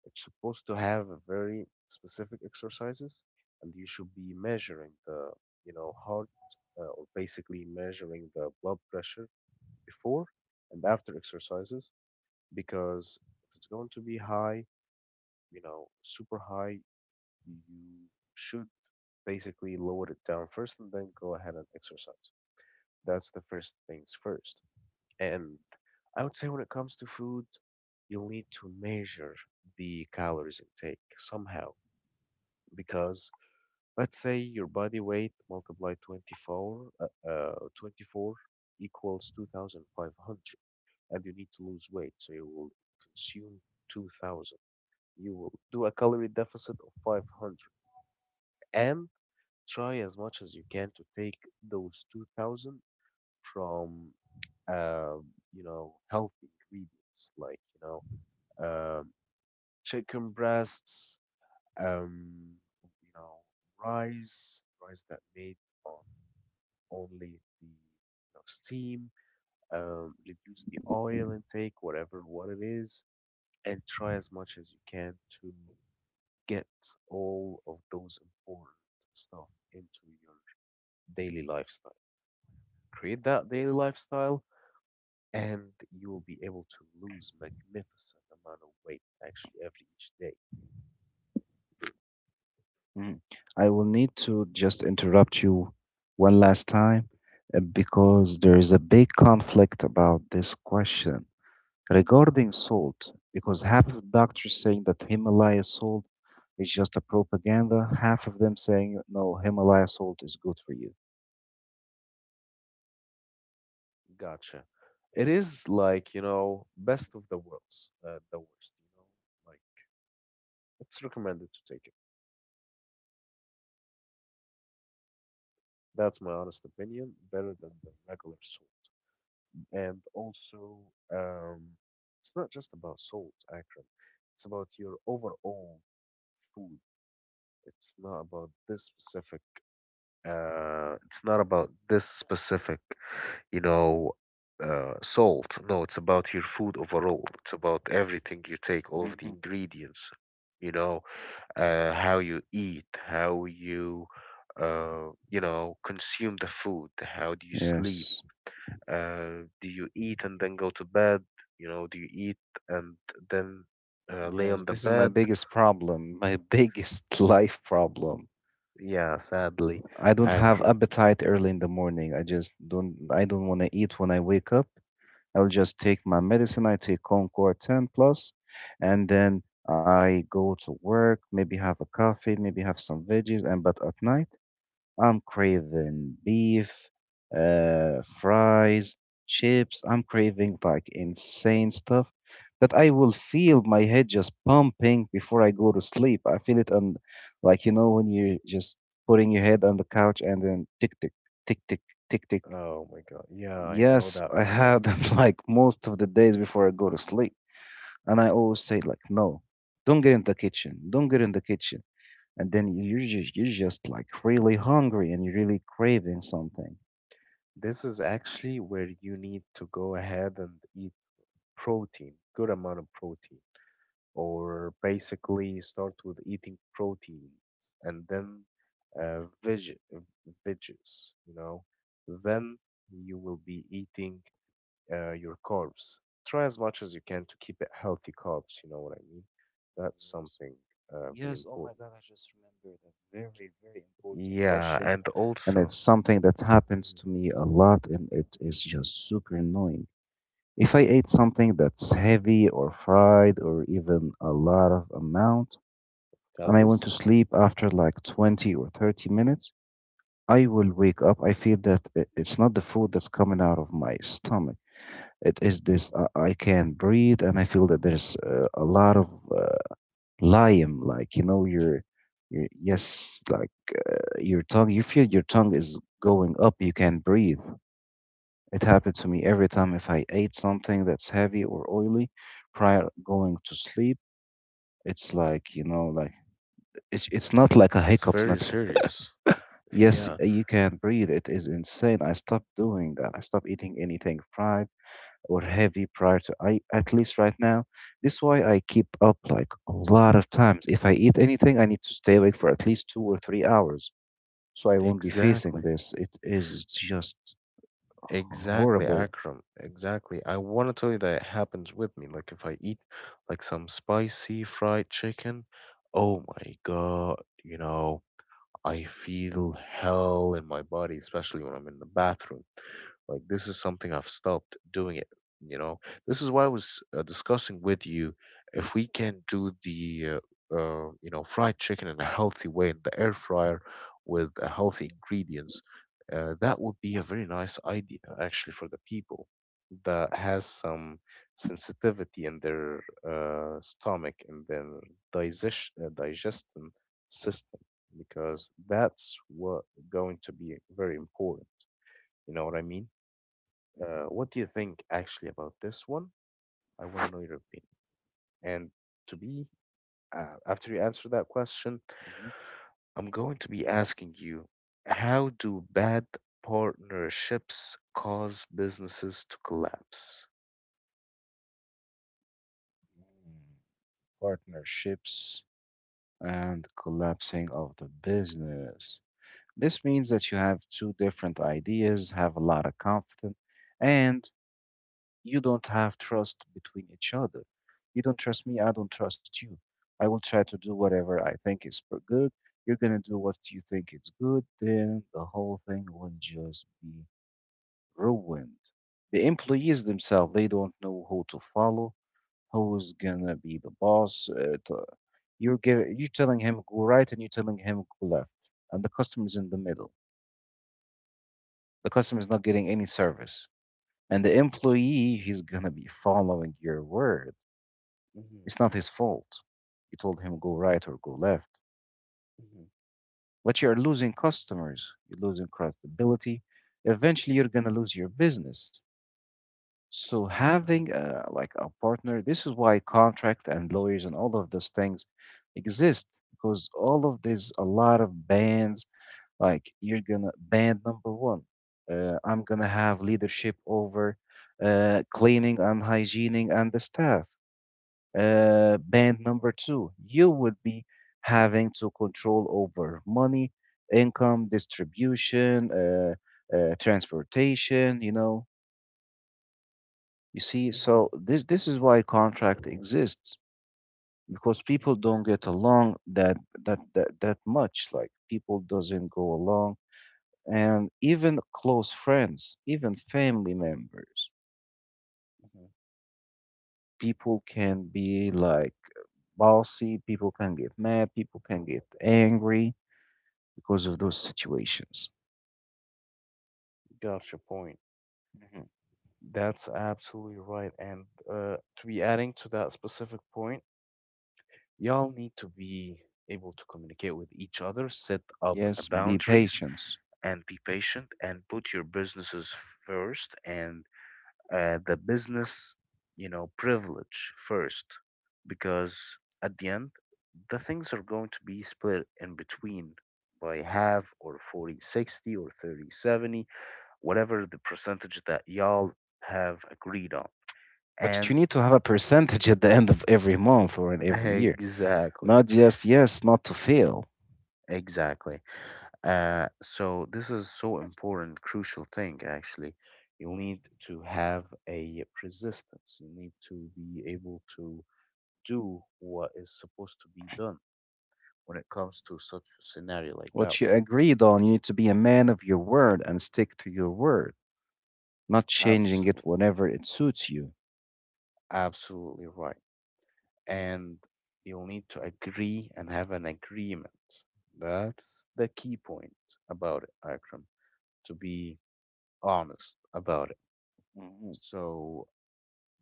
Speaker 1: it's supposed to have a very specific exercises, and you should be measuring the, you know, heart or basically measuring the blood pressure before and after exercises because if it's going to be high, you know, super high, you should basically lower it down first and then go ahead and exercise. That's the first things first. And I would say when it comes to food, you'll need to measure the calories intake somehow because let's say your body weight multiplied 24 24 equals 2500, and you need to lose weight, so you will consume 2000. You will do a calorie deficit of 500, and try as much as you can to take those 2000 from uh, you know healthy ingredients like you know, um, chicken breasts, um, you know, rice that made on only the you know, steam, reduce the oil intake, whatever what it is, and try as much as you can to get all of those important stuff into your daily lifestyle. Create that daily lifestyle and you will be able to lose magnificent amount of weight actually every each day.
Speaker 2: Mm. I will need to just interrupt you one last time because there is a big conflict about this question. Regarding salt, because half of the doctors saying that Himalaya salt is just a propaganda, half of them saying no, Himalaya salt is good for you.
Speaker 1: Gotcha. It is like, you know, best of the worlds, the worst, you know, like it's recommended to take it. That's my honest opinion, better than the regular salt. And also, um, it's not just about salt, Akram. It's about your overall food. It's not about this specific, it's not about this specific you know, salt. No, it's about your food overall. It's about everything you take, all of the
Speaker 2: Hmm.
Speaker 1: ingredients, you know, how you eat, you know, consume the food, how do you sleep,
Speaker 2: Yes.
Speaker 1: do you eat and then go to bed, you know, do you eat and then lay
Speaker 2: Yes,
Speaker 1: on the
Speaker 2: this is my
Speaker 1: bed?
Speaker 2: biggest problem, my biggest [LAUGHS] life problem.
Speaker 1: Yeah, sadly,
Speaker 2: I don't have
Speaker 1: Akram.
Speaker 2: appetite early in the morning. I just don't want to eat when I wake up. I'll just take my medicine. I take Concord 10 plus and then I go to work, maybe have a coffee, maybe have some veggies and but at night I'm craving beef, fries, chips. I'm craving like insane stuff that I will feel my head just pumping before I go to sleep. I feel it on, like, you know, when you're just putting your head on the couch and then tick, tick, tick, tick, tick, tick.
Speaker 1: Oh my God. Yeah, I know
Speaker 2: Yes,
Speaker 1: that
Speaker 2: I
Speaker 1: feeling.
Speaker 2: have that [LAUGHS] like most of the days before I go to sleep. And I always say, like, no, don't get in the kitchen. Don't get in the kitchen and then you're just like really hungry and you're really craving something.
Speaker 1: This is actually where you need to go ahead and eat protein, good amount of protein, or basically start with eating proteins and then uh, veg veggies, you know, then you will be eating your carbs. Try as much as you can to keep it healthy carbs, you know what I mean? That's
Speaker 2: Yes.
Speaker 1: something very
Speaker 2: Yes, oh my
Speaker 1: important.
Speaker 2: God, I just remembered a very, very important
Speaker 1: Yeah,
Speaker 2: question.
Speaker 1: and
Speaker 2: And
Speaker 1: also,
Speaker 2: it's something that happens
Speaker 1: Mhm.
Speaker 2: to me a lot, and it is just super annoying. If I ate something that's heavy or fried or even a lot of amount, and I went
Speaker 1: Calories?
Speaker 2: to sleep after like 20 or 30 minutes, I will wake up. I feel that it's not the food that's coming out of my stomach. It is this I can't breathe, and I feel that there's a lot of uh, lime, like you know, your yes, like your tongue. You feel your tongue is going up. You can't breathe. It happened to me every time if I ate something that's heavy or oily prior going to sleep. It's like you know, like it's not like a
Speaker 1: It's
Speaker 2: hiccup's
Speaker 1: very
Speaker 2: not like,
Speaker 1: serious.
Speaker 2: yes,
Speaker 1: Yeah,
Speaker 2: you can't breathe. It is insane. I stopped doing that. I stopped eating anything fried or heavy prior to I at least right now. This is why I keep up like a lot of times. If I eat anything, I need to stay awake for at least 2 or 3 hours, so I won't be facing
Speaker 1: exactly.
Speaker 2: this. It is just
Speaker 1: Exactly,
Speaker 2: horrible.
Speaker 1: Akram. Exactly. I want to tell you that it happens with me. Like if I eat like some spicy fried chicken, oh my God, you know. I feel hell in my body, especially when I'm in the bathroom. Like, this is something I've stopped doing it. You know, this is why I was discussing with you if we can do the, you know, fried chicken in a healthy way in the air fryer with healthy ingredients, that would be a very nice idea actually for the people that has some sensitivity in their stomach and their digestion system because that's what going to be very important. You know what I mean? What do you think actually about this one? I want to know your opinion. And to be after you answer that question,
Speaker 2: Mhm.
Speaker 1: I'm going to be asking you, how do bad partnerships cause businesses to collapse?
Speaker 2: Mm, partnerships and collapsing of the business. This means that you have two different ideas, have a lot of confidence, and you don't have trust between each other. You don't trust me, I don't trust you. I will try to do whatever I think is good. You're gonna do what you think is good, then the whole thing will just be ruined. The employees themselves, they don't know who to follow, who's gonna be the boss. You're giving, you're telling him go right, and you're telling him go left, and the customer's in the middle. The customer's not getting any service and the employee he's gonna be following your word.
Speaker 1: Mm-hmm,
Speaker 2: It's not his fault. You told him go right or go left.
Speaker 1: mm-hmm,
Speaker 2: But you're losing customers, you're losing credibility. Eventually, you're gonna lose your business. So having
Speaker 1: mm-hmm,
Speaker 2: a, like a partner, this is why contract and lawyers and all of those things exist because all of these a lot of bans, like you're gonna ban number one. I'm gonna have leadership over cleaning and hygiening and the staff. Band number two, you would be having to control over money, income, distribution, transportation, you know. You see,
Speaker 1: mm-hmm,
Speaker 2: so this is why contract exists because
Speaker 1: mm-hmm.
Speaker 2: people don't get along that much. Like people doesn't go along, and even close friends, even family members, people can be like bossy. People can get mad. People can get angry because of those situations.
Speaker 1: Got your point.
Speaker 2: Mhm.
Speaker 1: That's absolutely right. And to be adding to that specific point, y'all need to be able to communicate with each other, set up
Speaker 2: Yes, be
Speaker 1: boundaries,
Speaker 2: patient.
Speaker 1: and be patient and put your businesses first and the business, you know, privilege first, because at the end, the things are going to be split in between by half or 40-60 or 30-70, whatever the percentage that y'all have agreed on.
Speaker 2: But you
Speaker 1: And
Speaker 2: need to have a percentage [LAUGHS] at the end of every month or in every
Speaker 1: [LAUGHS]
Speaker 2: year,
Speaker 1: exactly,
Speaker 2: not just yes, not to fail.
Speaker 1: exactly. So this is so important, crucial thing actually. You need to have a resistance. You need to be able to do what is supposed to be done when it comes to such a scenario like
Speaker 2: What
Speaker 1: that
Speaker 2: you
Speaker 1: one.
Speaker 2: agreed on, you need to be a man of your word and stick to your word, not changing it
Speaker 1: Absolutely,
Speaker 2: whenever it suits you.
Speaker 1: absolutely right. And you'll need to agree and have an agreement. That's the key point about it, Akram, to be honest about it.
Speaker 2: Mhm.
Speaker 1: So,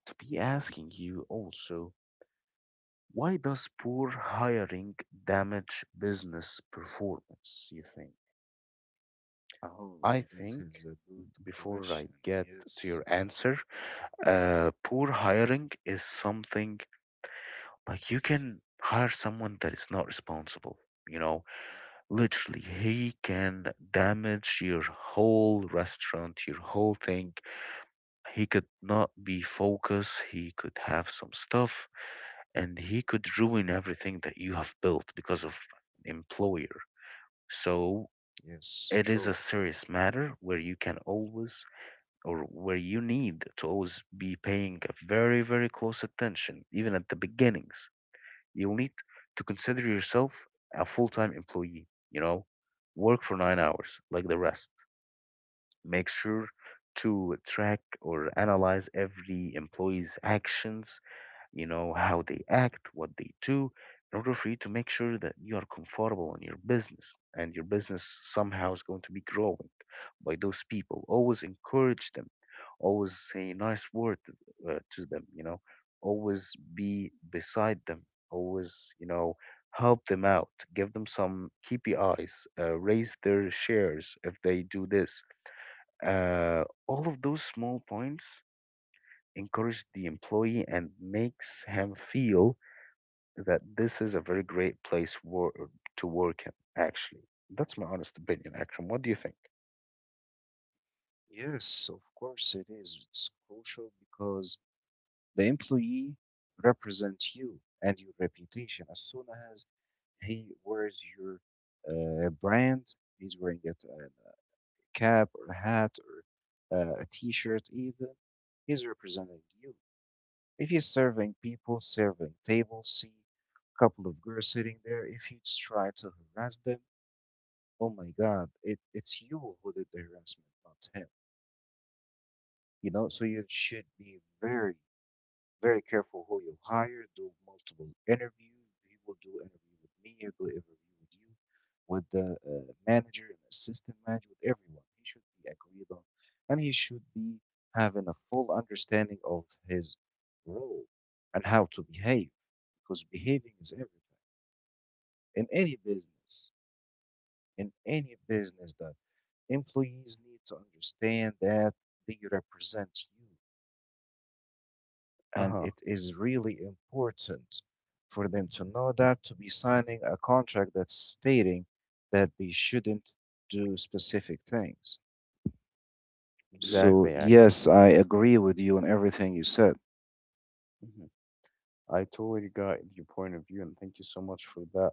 Speaker 1: to be asking you also, why does poor hiring damage business performance, you think?
Speaker 2: Oh,
Speaker 1: I
Speaker 2: this
Speaker 1: think
Speaker 2: is a good
Speaker 1: before I
Speaker 2: question.
Speaker 1: get to your
Speaker 2: Yes.
Speaker 1: answer,
Speaker 2: Mhm, mhm.
Speaker 1: poor hiring is something like you can hire someone that is not responsible. You know, literally, he can damage your whole restaurant, your whole thing. He could not be focused. He could have some stuff and he could ruin everything that you have built because of employer. So
Speaker 2: Yes, true.
Speaker 1: it is a serious matter where you can always or where you need to always be paying a very, very close attention, even at the beginnings. You'll need to consider yourself a full time employee, you know, work for 9 hours like the rest. Make sure to track or analyze every employee's actions you know, how they act, what they do, in order for you to make sure that you are comfortable in your business and your business somehow is going to be growing by those people. Always encourage them, always say a nice word to them, you know, always be beside them, always, you know, help them out, give them some KPIs, raise their shares if they do this. All of those small points encourage the employee and makes him feel that this is a very great place to work in, actually. That's my honest opinion, Akram. What do you think?
Speaker 2: Yes, of course it is. It's crucial because the employee represents you and your reputation. As soon as he wears your brand, he's wearing it a cap or a hat or a t-shirt even, he's representing you. If he's serving people, serving tables, see a couple of girls sitting there, if you try to harass them, oh my God, it's you who did the harassment, not him. You know, so you should be very very careful who you hire, do multiple interviews. He will do interview with me, he'll do interview with you, with the manager and assistant manager, with everyone. He should be agreed on, and he should be having a full understanding of his role and how to behave, because behaving is everything in any business. In any business, that employees need to understand that they represent you. And
Speaker 1: Uh-huh.
Speaker 2: it is really important for them to know that to be signing a contract that's stating that they shouldn't do specific things. So,
Speaker 1: Exactly, Akram.
Speaker 2: yes, I agree with you on everything you said.
Speaker 1: Hmm I totally got your point of view, and thank you so much for that.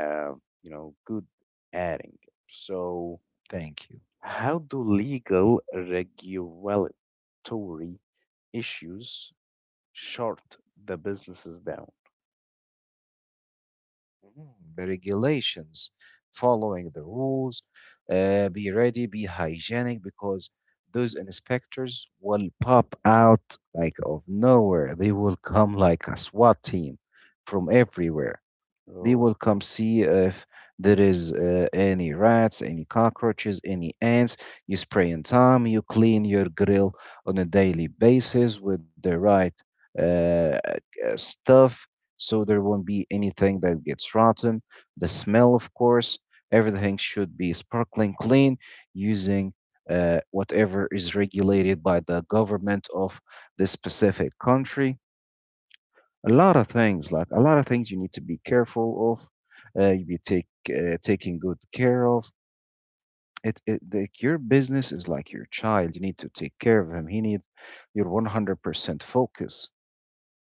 Speaker 1: Uh, you know, good adding. So,
Speaker 2: Thank you.
Speaker 1: how do legal regulatory issues short the businesses down?
Speaker 2: Mhm. The regulations, following the rules, be ready, be hygienic because those inspectors will pop out like of nowhere. They will come like a SWAT team from everywhere. They
Speaker 1: Oh,
Speaker 2: will come see if there is any rats, any cockroaches, any ants. You spray on time, you clean your grill on a daily basis with the right uh, uh, stuff so there won't be anything that gets rotten. The smell, of course, everything should be sparkling clean using whatever is regulated by the government of the specific country. A lot of things, like a lot of things you need to be careful of, you be take taking good care of it. It, like your business is like your child, you need to take care of him. He needs your 100% focus.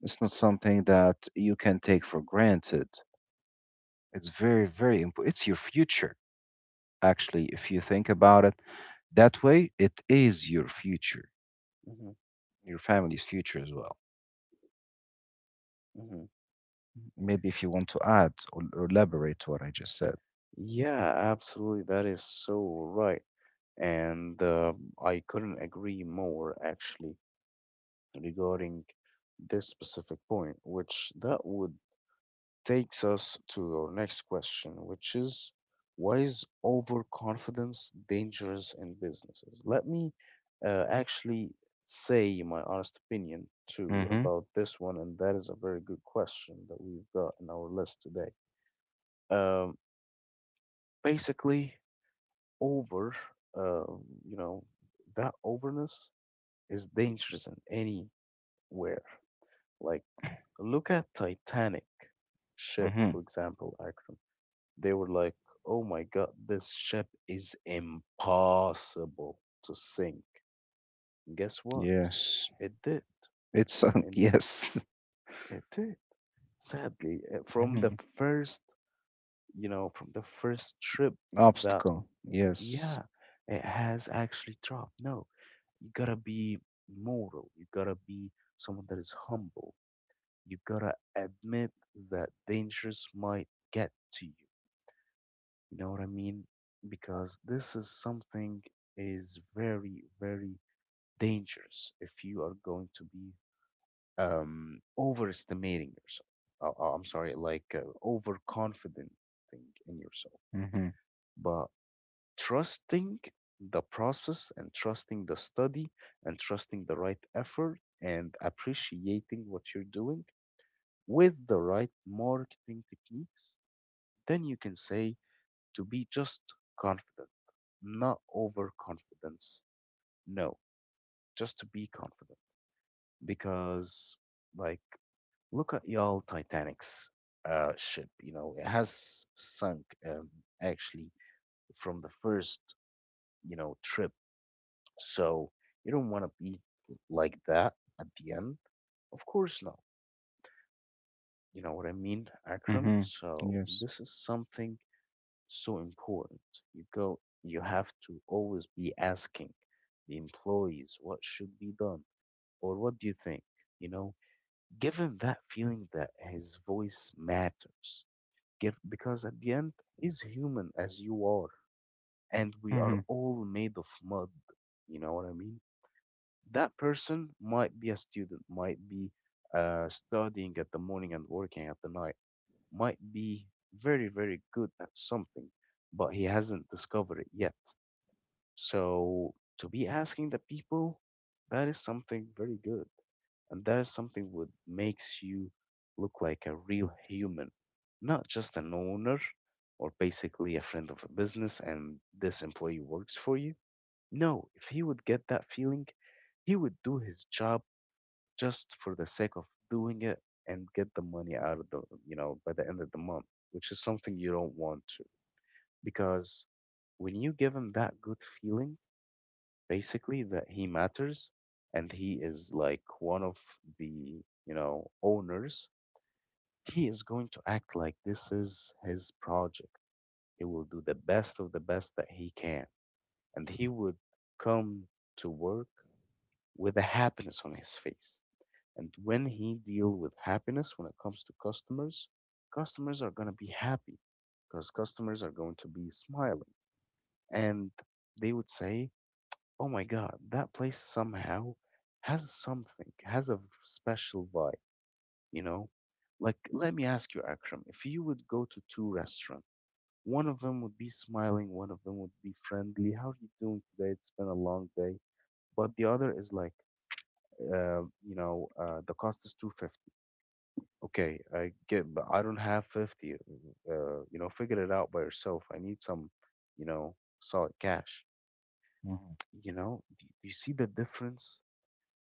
Speaker 2: It's not something that you can take for granted. It's very very important. It's your future, actually. If you think about it that way, it is your future,
Speaker 1: hmm
Speaker 2: your family's future as well.
Speaker 1: hmm
Speaker 2: Maybe if you want to add or elaborate what I just said.
Speaker 1: yeah, absolutely. That is so right. And I couldn't agree more, actually, regarding this specific point, which that would takes us to our next question, which is, why is overconfidence dangerous in businesses? Let me actually say my honest opinion too
Speaker 2: Mm-hmm.
Speaker 1: about this one, and that is a very good question that we've got in our list today. Um, Basically, over, uh, you know, that overness is dangerous in anywhere. Like, look at Titanic ship,
Speaker 2: Mm-hmm.
Speaker 1: for example, Akram. They were like, oh my God, this ship is impossible to sink. Guess what?
Speaker 2: Yes.
Speaker 1: It did.
Speaker 2: It's a [LAUGHS]
Speaker 1: And
Speaker 2: yes.
Speaker 1: it did. Sadly,
Speaker 2: Mm-hmm.
Speaker 1: from the first trip
Speaker 2: Obstacle.
Speaker 1: that,
Speaker 2: Yes.
Speaker 1: yeah, it has actually dropped. No, you gotta be moral. You gotta be someone that is humble. You gotta admit that dangers might get to you. You know what I mean? Because this is something is very, very dangerous if you are going to be overestimating yourself. I'm sorry, like overconfident thing in yourself.
Speaker 2: Mm-hmm.
Speaker 1: But trusting the process and trusting the study and trusting the right effort and appreciating what you're doing with the right marketing techniques, then you can say to be just confident, not overconfidence. No, just to be confident. Because, like, look at y'all Titanic's ship. You know, it has sunk um, actually from the first trip. So you don't want to be like that at the end. Of course not. You know what I mean, Akram?
Speaker 2: Mm-hmm.
Speaker 1: So
Speaker 2: Yes.
Speaker 1: this is something so important. You go, you have to always be asking the employees what should be done or what do you think? You know, give him that feeling that his voice matters. Give, because at the end, he's human as you are, and we are
Speaker 2: Mm-hmm.
Speaker 1: all made of mud. You know what I mean? That person might be a student, might be studying at the morning and working at the night, might be very, very good at something, but he hasn't discovered it yet. So to be asking the people, that is something very good. And that is something what makes you look like a real human, not just an owner or basically a friend of a business and this employee works for you. No, if he would get that feeling, he would do his job just for the sake of doing it and get the money out of the by the end of the month, which is something you don't want to. Because when you give him that good feeling, basically that he matters and he is like one of the owners, he is going to act like this is his project. He will do the best of the best that he can. And he would come to work with a happiness on his face. And when he deal with happiness, when it comes to customers, customers are going to be happy because customers are going to be smiling. And they would say, oh my God, that place somehow has something, has a special vibe, you know? Like, let me ask you, Akram, if you would go to two restaurants, one of them would be smiling, one of them would be friendly. How are you doing today? It's been a long day. But the other is like, the cost is 250. Okay, I get, but I don't have 50. Uh, Figure it out by yourself. I need some, you know, solid cash.
Speaker 2: Mm-hmm.
Speaker 1: You know, do you see the difference?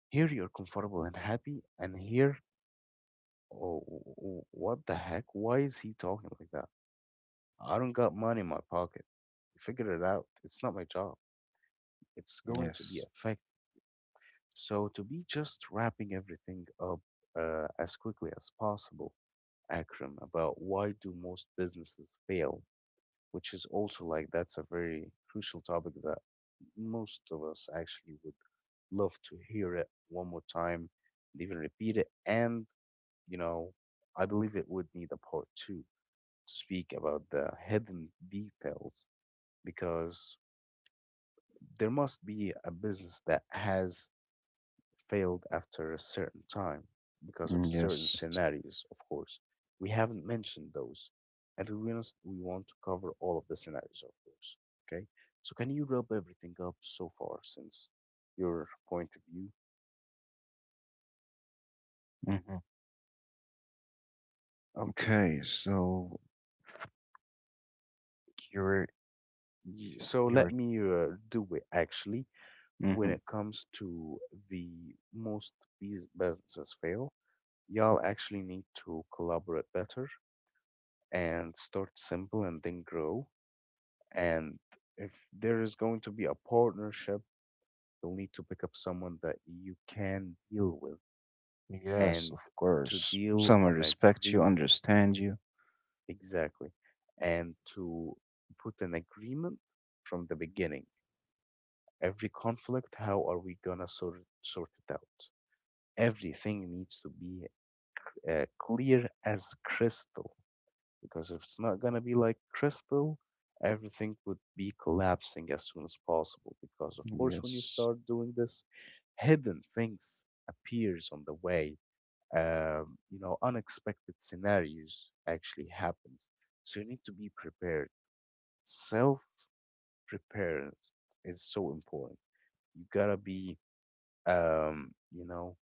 Speaker 1: Here you're comfortable and happy, and here, oh, what the heck? Why is he talking like that? I don't got money in my pocket. Figure it out. It's not my job. It's going to
Speaker 2: Yes.
Speaker 1: be affected. So to be just wrapping everything up as quickly as possible, Akram, about why do most businesses fail? Which is also like that's a very crucial topic that most of us actually would love to hear it one more time and even repeat it. And, you know, I believe it would need a part two to speak about the hidden details because there must be a business that has failed after a certain time because
Speaker 2: Mm,
Speaker 1: of certain
Speaker 2: yes.
Speaker 1: scenarios, of course. We haven't mentioned those, and we want to cover all of the scenarios, of course. Okay, so can you wrap everything up so far since your point of view?
Speaker 2: Mm-hmm.
Speaker 1: Okay,
Speaker 2: Okay, so you're
Speaker 1: so
Speaker 2: you're
Speaker 1: let me do it actually. When
Speaker 2: mhm.
Speaker 1: it comes to the most businesses fail, y'all actually need to collaborate better and start simple and then grow. And if there is going to be a partnership, you'll need to pick up someone that you can deal with
Speaker 2: Yes,
Speaker 1: and
Speaker 2: of
Speaker 1: to
Speaker 2: course.
Speaker 1: deal
Speaker 2: Someone
Speaker 1: on
Speaker 2: respects you,
Speaker 1: agreement.
Speaker 2: understand you.
Speaker 1: Exactly. And to put an agreement from the beginning. Every conflict, how are we gonna sort it out? Everything needs to be clear as crystal. Because if it's not going to be like crystal, everything would be collapsing as soon as possible. Because of course, when you
Speaker 2: Yes.
Speaker 1: start doing this, hidden things appears on the way. You know, unexpected scenarios actually happens. So you need to be prepared. Self preparedness is so important. You gotta be, um, you know,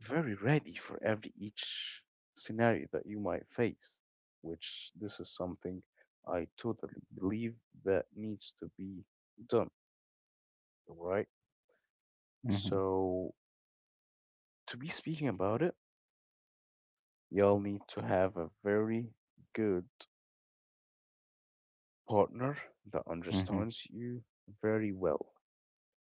Speaker 1: very ready for every each scenario that you might face, which this is something I totally believe that needs to be done, right?
Speaker 2: Hmm.
Speaker 1: So to be speaking about it, y'all need to have a very good partner that
Speaker 2: Hmm.
Speaker 1: understands you very well,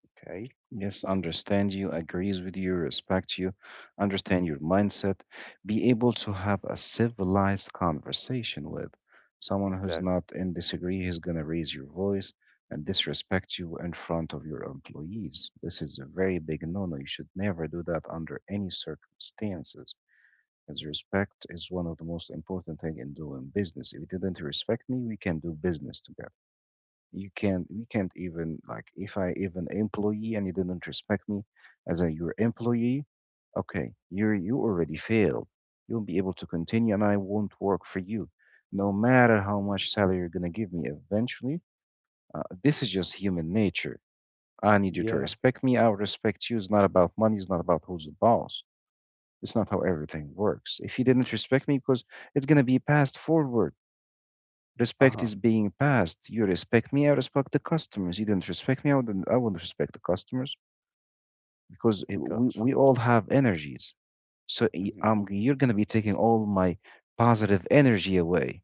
Speaker 1: okay?
Speaker 2: Yes, understand you, agrees with you, respect you, understand your mindset, be able to have a civilized conversation with someone who's
Speaker 1: Exactly.
Speaker 2: not in disagree, is gonna raise your voice and disrespect you in front of your employees. This is a very big no-no. You should never do that under any circumstances. Because respect is one of the most important thing in doing business. If you didn't respect me, we can do business together. You can't, we can't even like if I even employee and you didn't respect me as a your employee, okay, you're you already failed. You won't be able to continue, and I won't work for you, no matter how much salary you're gonna give me. Eventually, this is just human nature. I need you to
Speaker 1: Yeah.
Speaker 2: respect me. I'll respect you. It's not about money. It's not about who's the boss. It's not how everything works. If you didn't respect me, because it's gonna be passed forward. Respect
Speaker 1: Uh-huh.
Speaker 2: is being passed. You respect me, I respect the customers. You didn't respect me, I wouldn't respect the customers because it,
Speaker 1: Gotcha.
Speaker 2: we all have energies. So
Speaker 1: Mm-hmm.
Speaker 2: you're gonna be taking all my positive energy away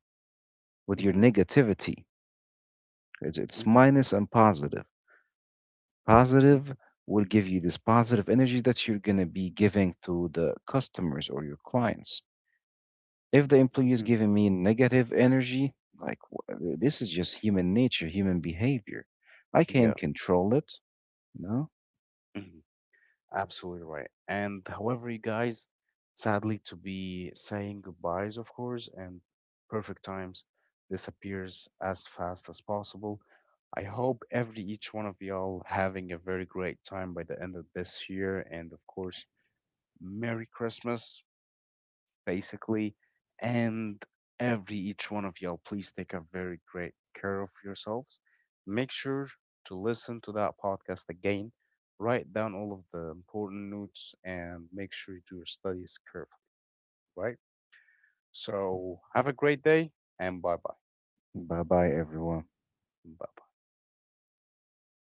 Speaker 2: with your
Speaker 1: Mm-hmm.
Speaker 2: negativity. It's
Speaker 1: Mm-hmm.
Speaker 2: minus and positive.
Speaker 1: Mm-hmm.
Speaker 2: Positive will give you this positive energy that you're gonna be giving to the customers or your clients. If the employee is
Speaker 1: Mm-hmm.
Speaker 2: giving me negative energy, like this is just human nature, human behavior. I
Speaker 1: Yeah.
Speaker 2: can't control it. You know?
Speaker 1: Hmm. Absolutely right. And however, you guys, sadly to be saying goodbyes, of course, and perfect times disappears as fast as possible. I hope every each one of y'all having a very great time by the end of this year, and of course, Merry Christmas basically. And every each one of y'all, please take a very great care of yourselves. Make sure to listen to that podcast again. Write down all of the important notes and make sure you do your studies carefully, right? So have a great day and bye bye.
Speaker 2: Bye bye, everyone.
Speaker 1: Bye.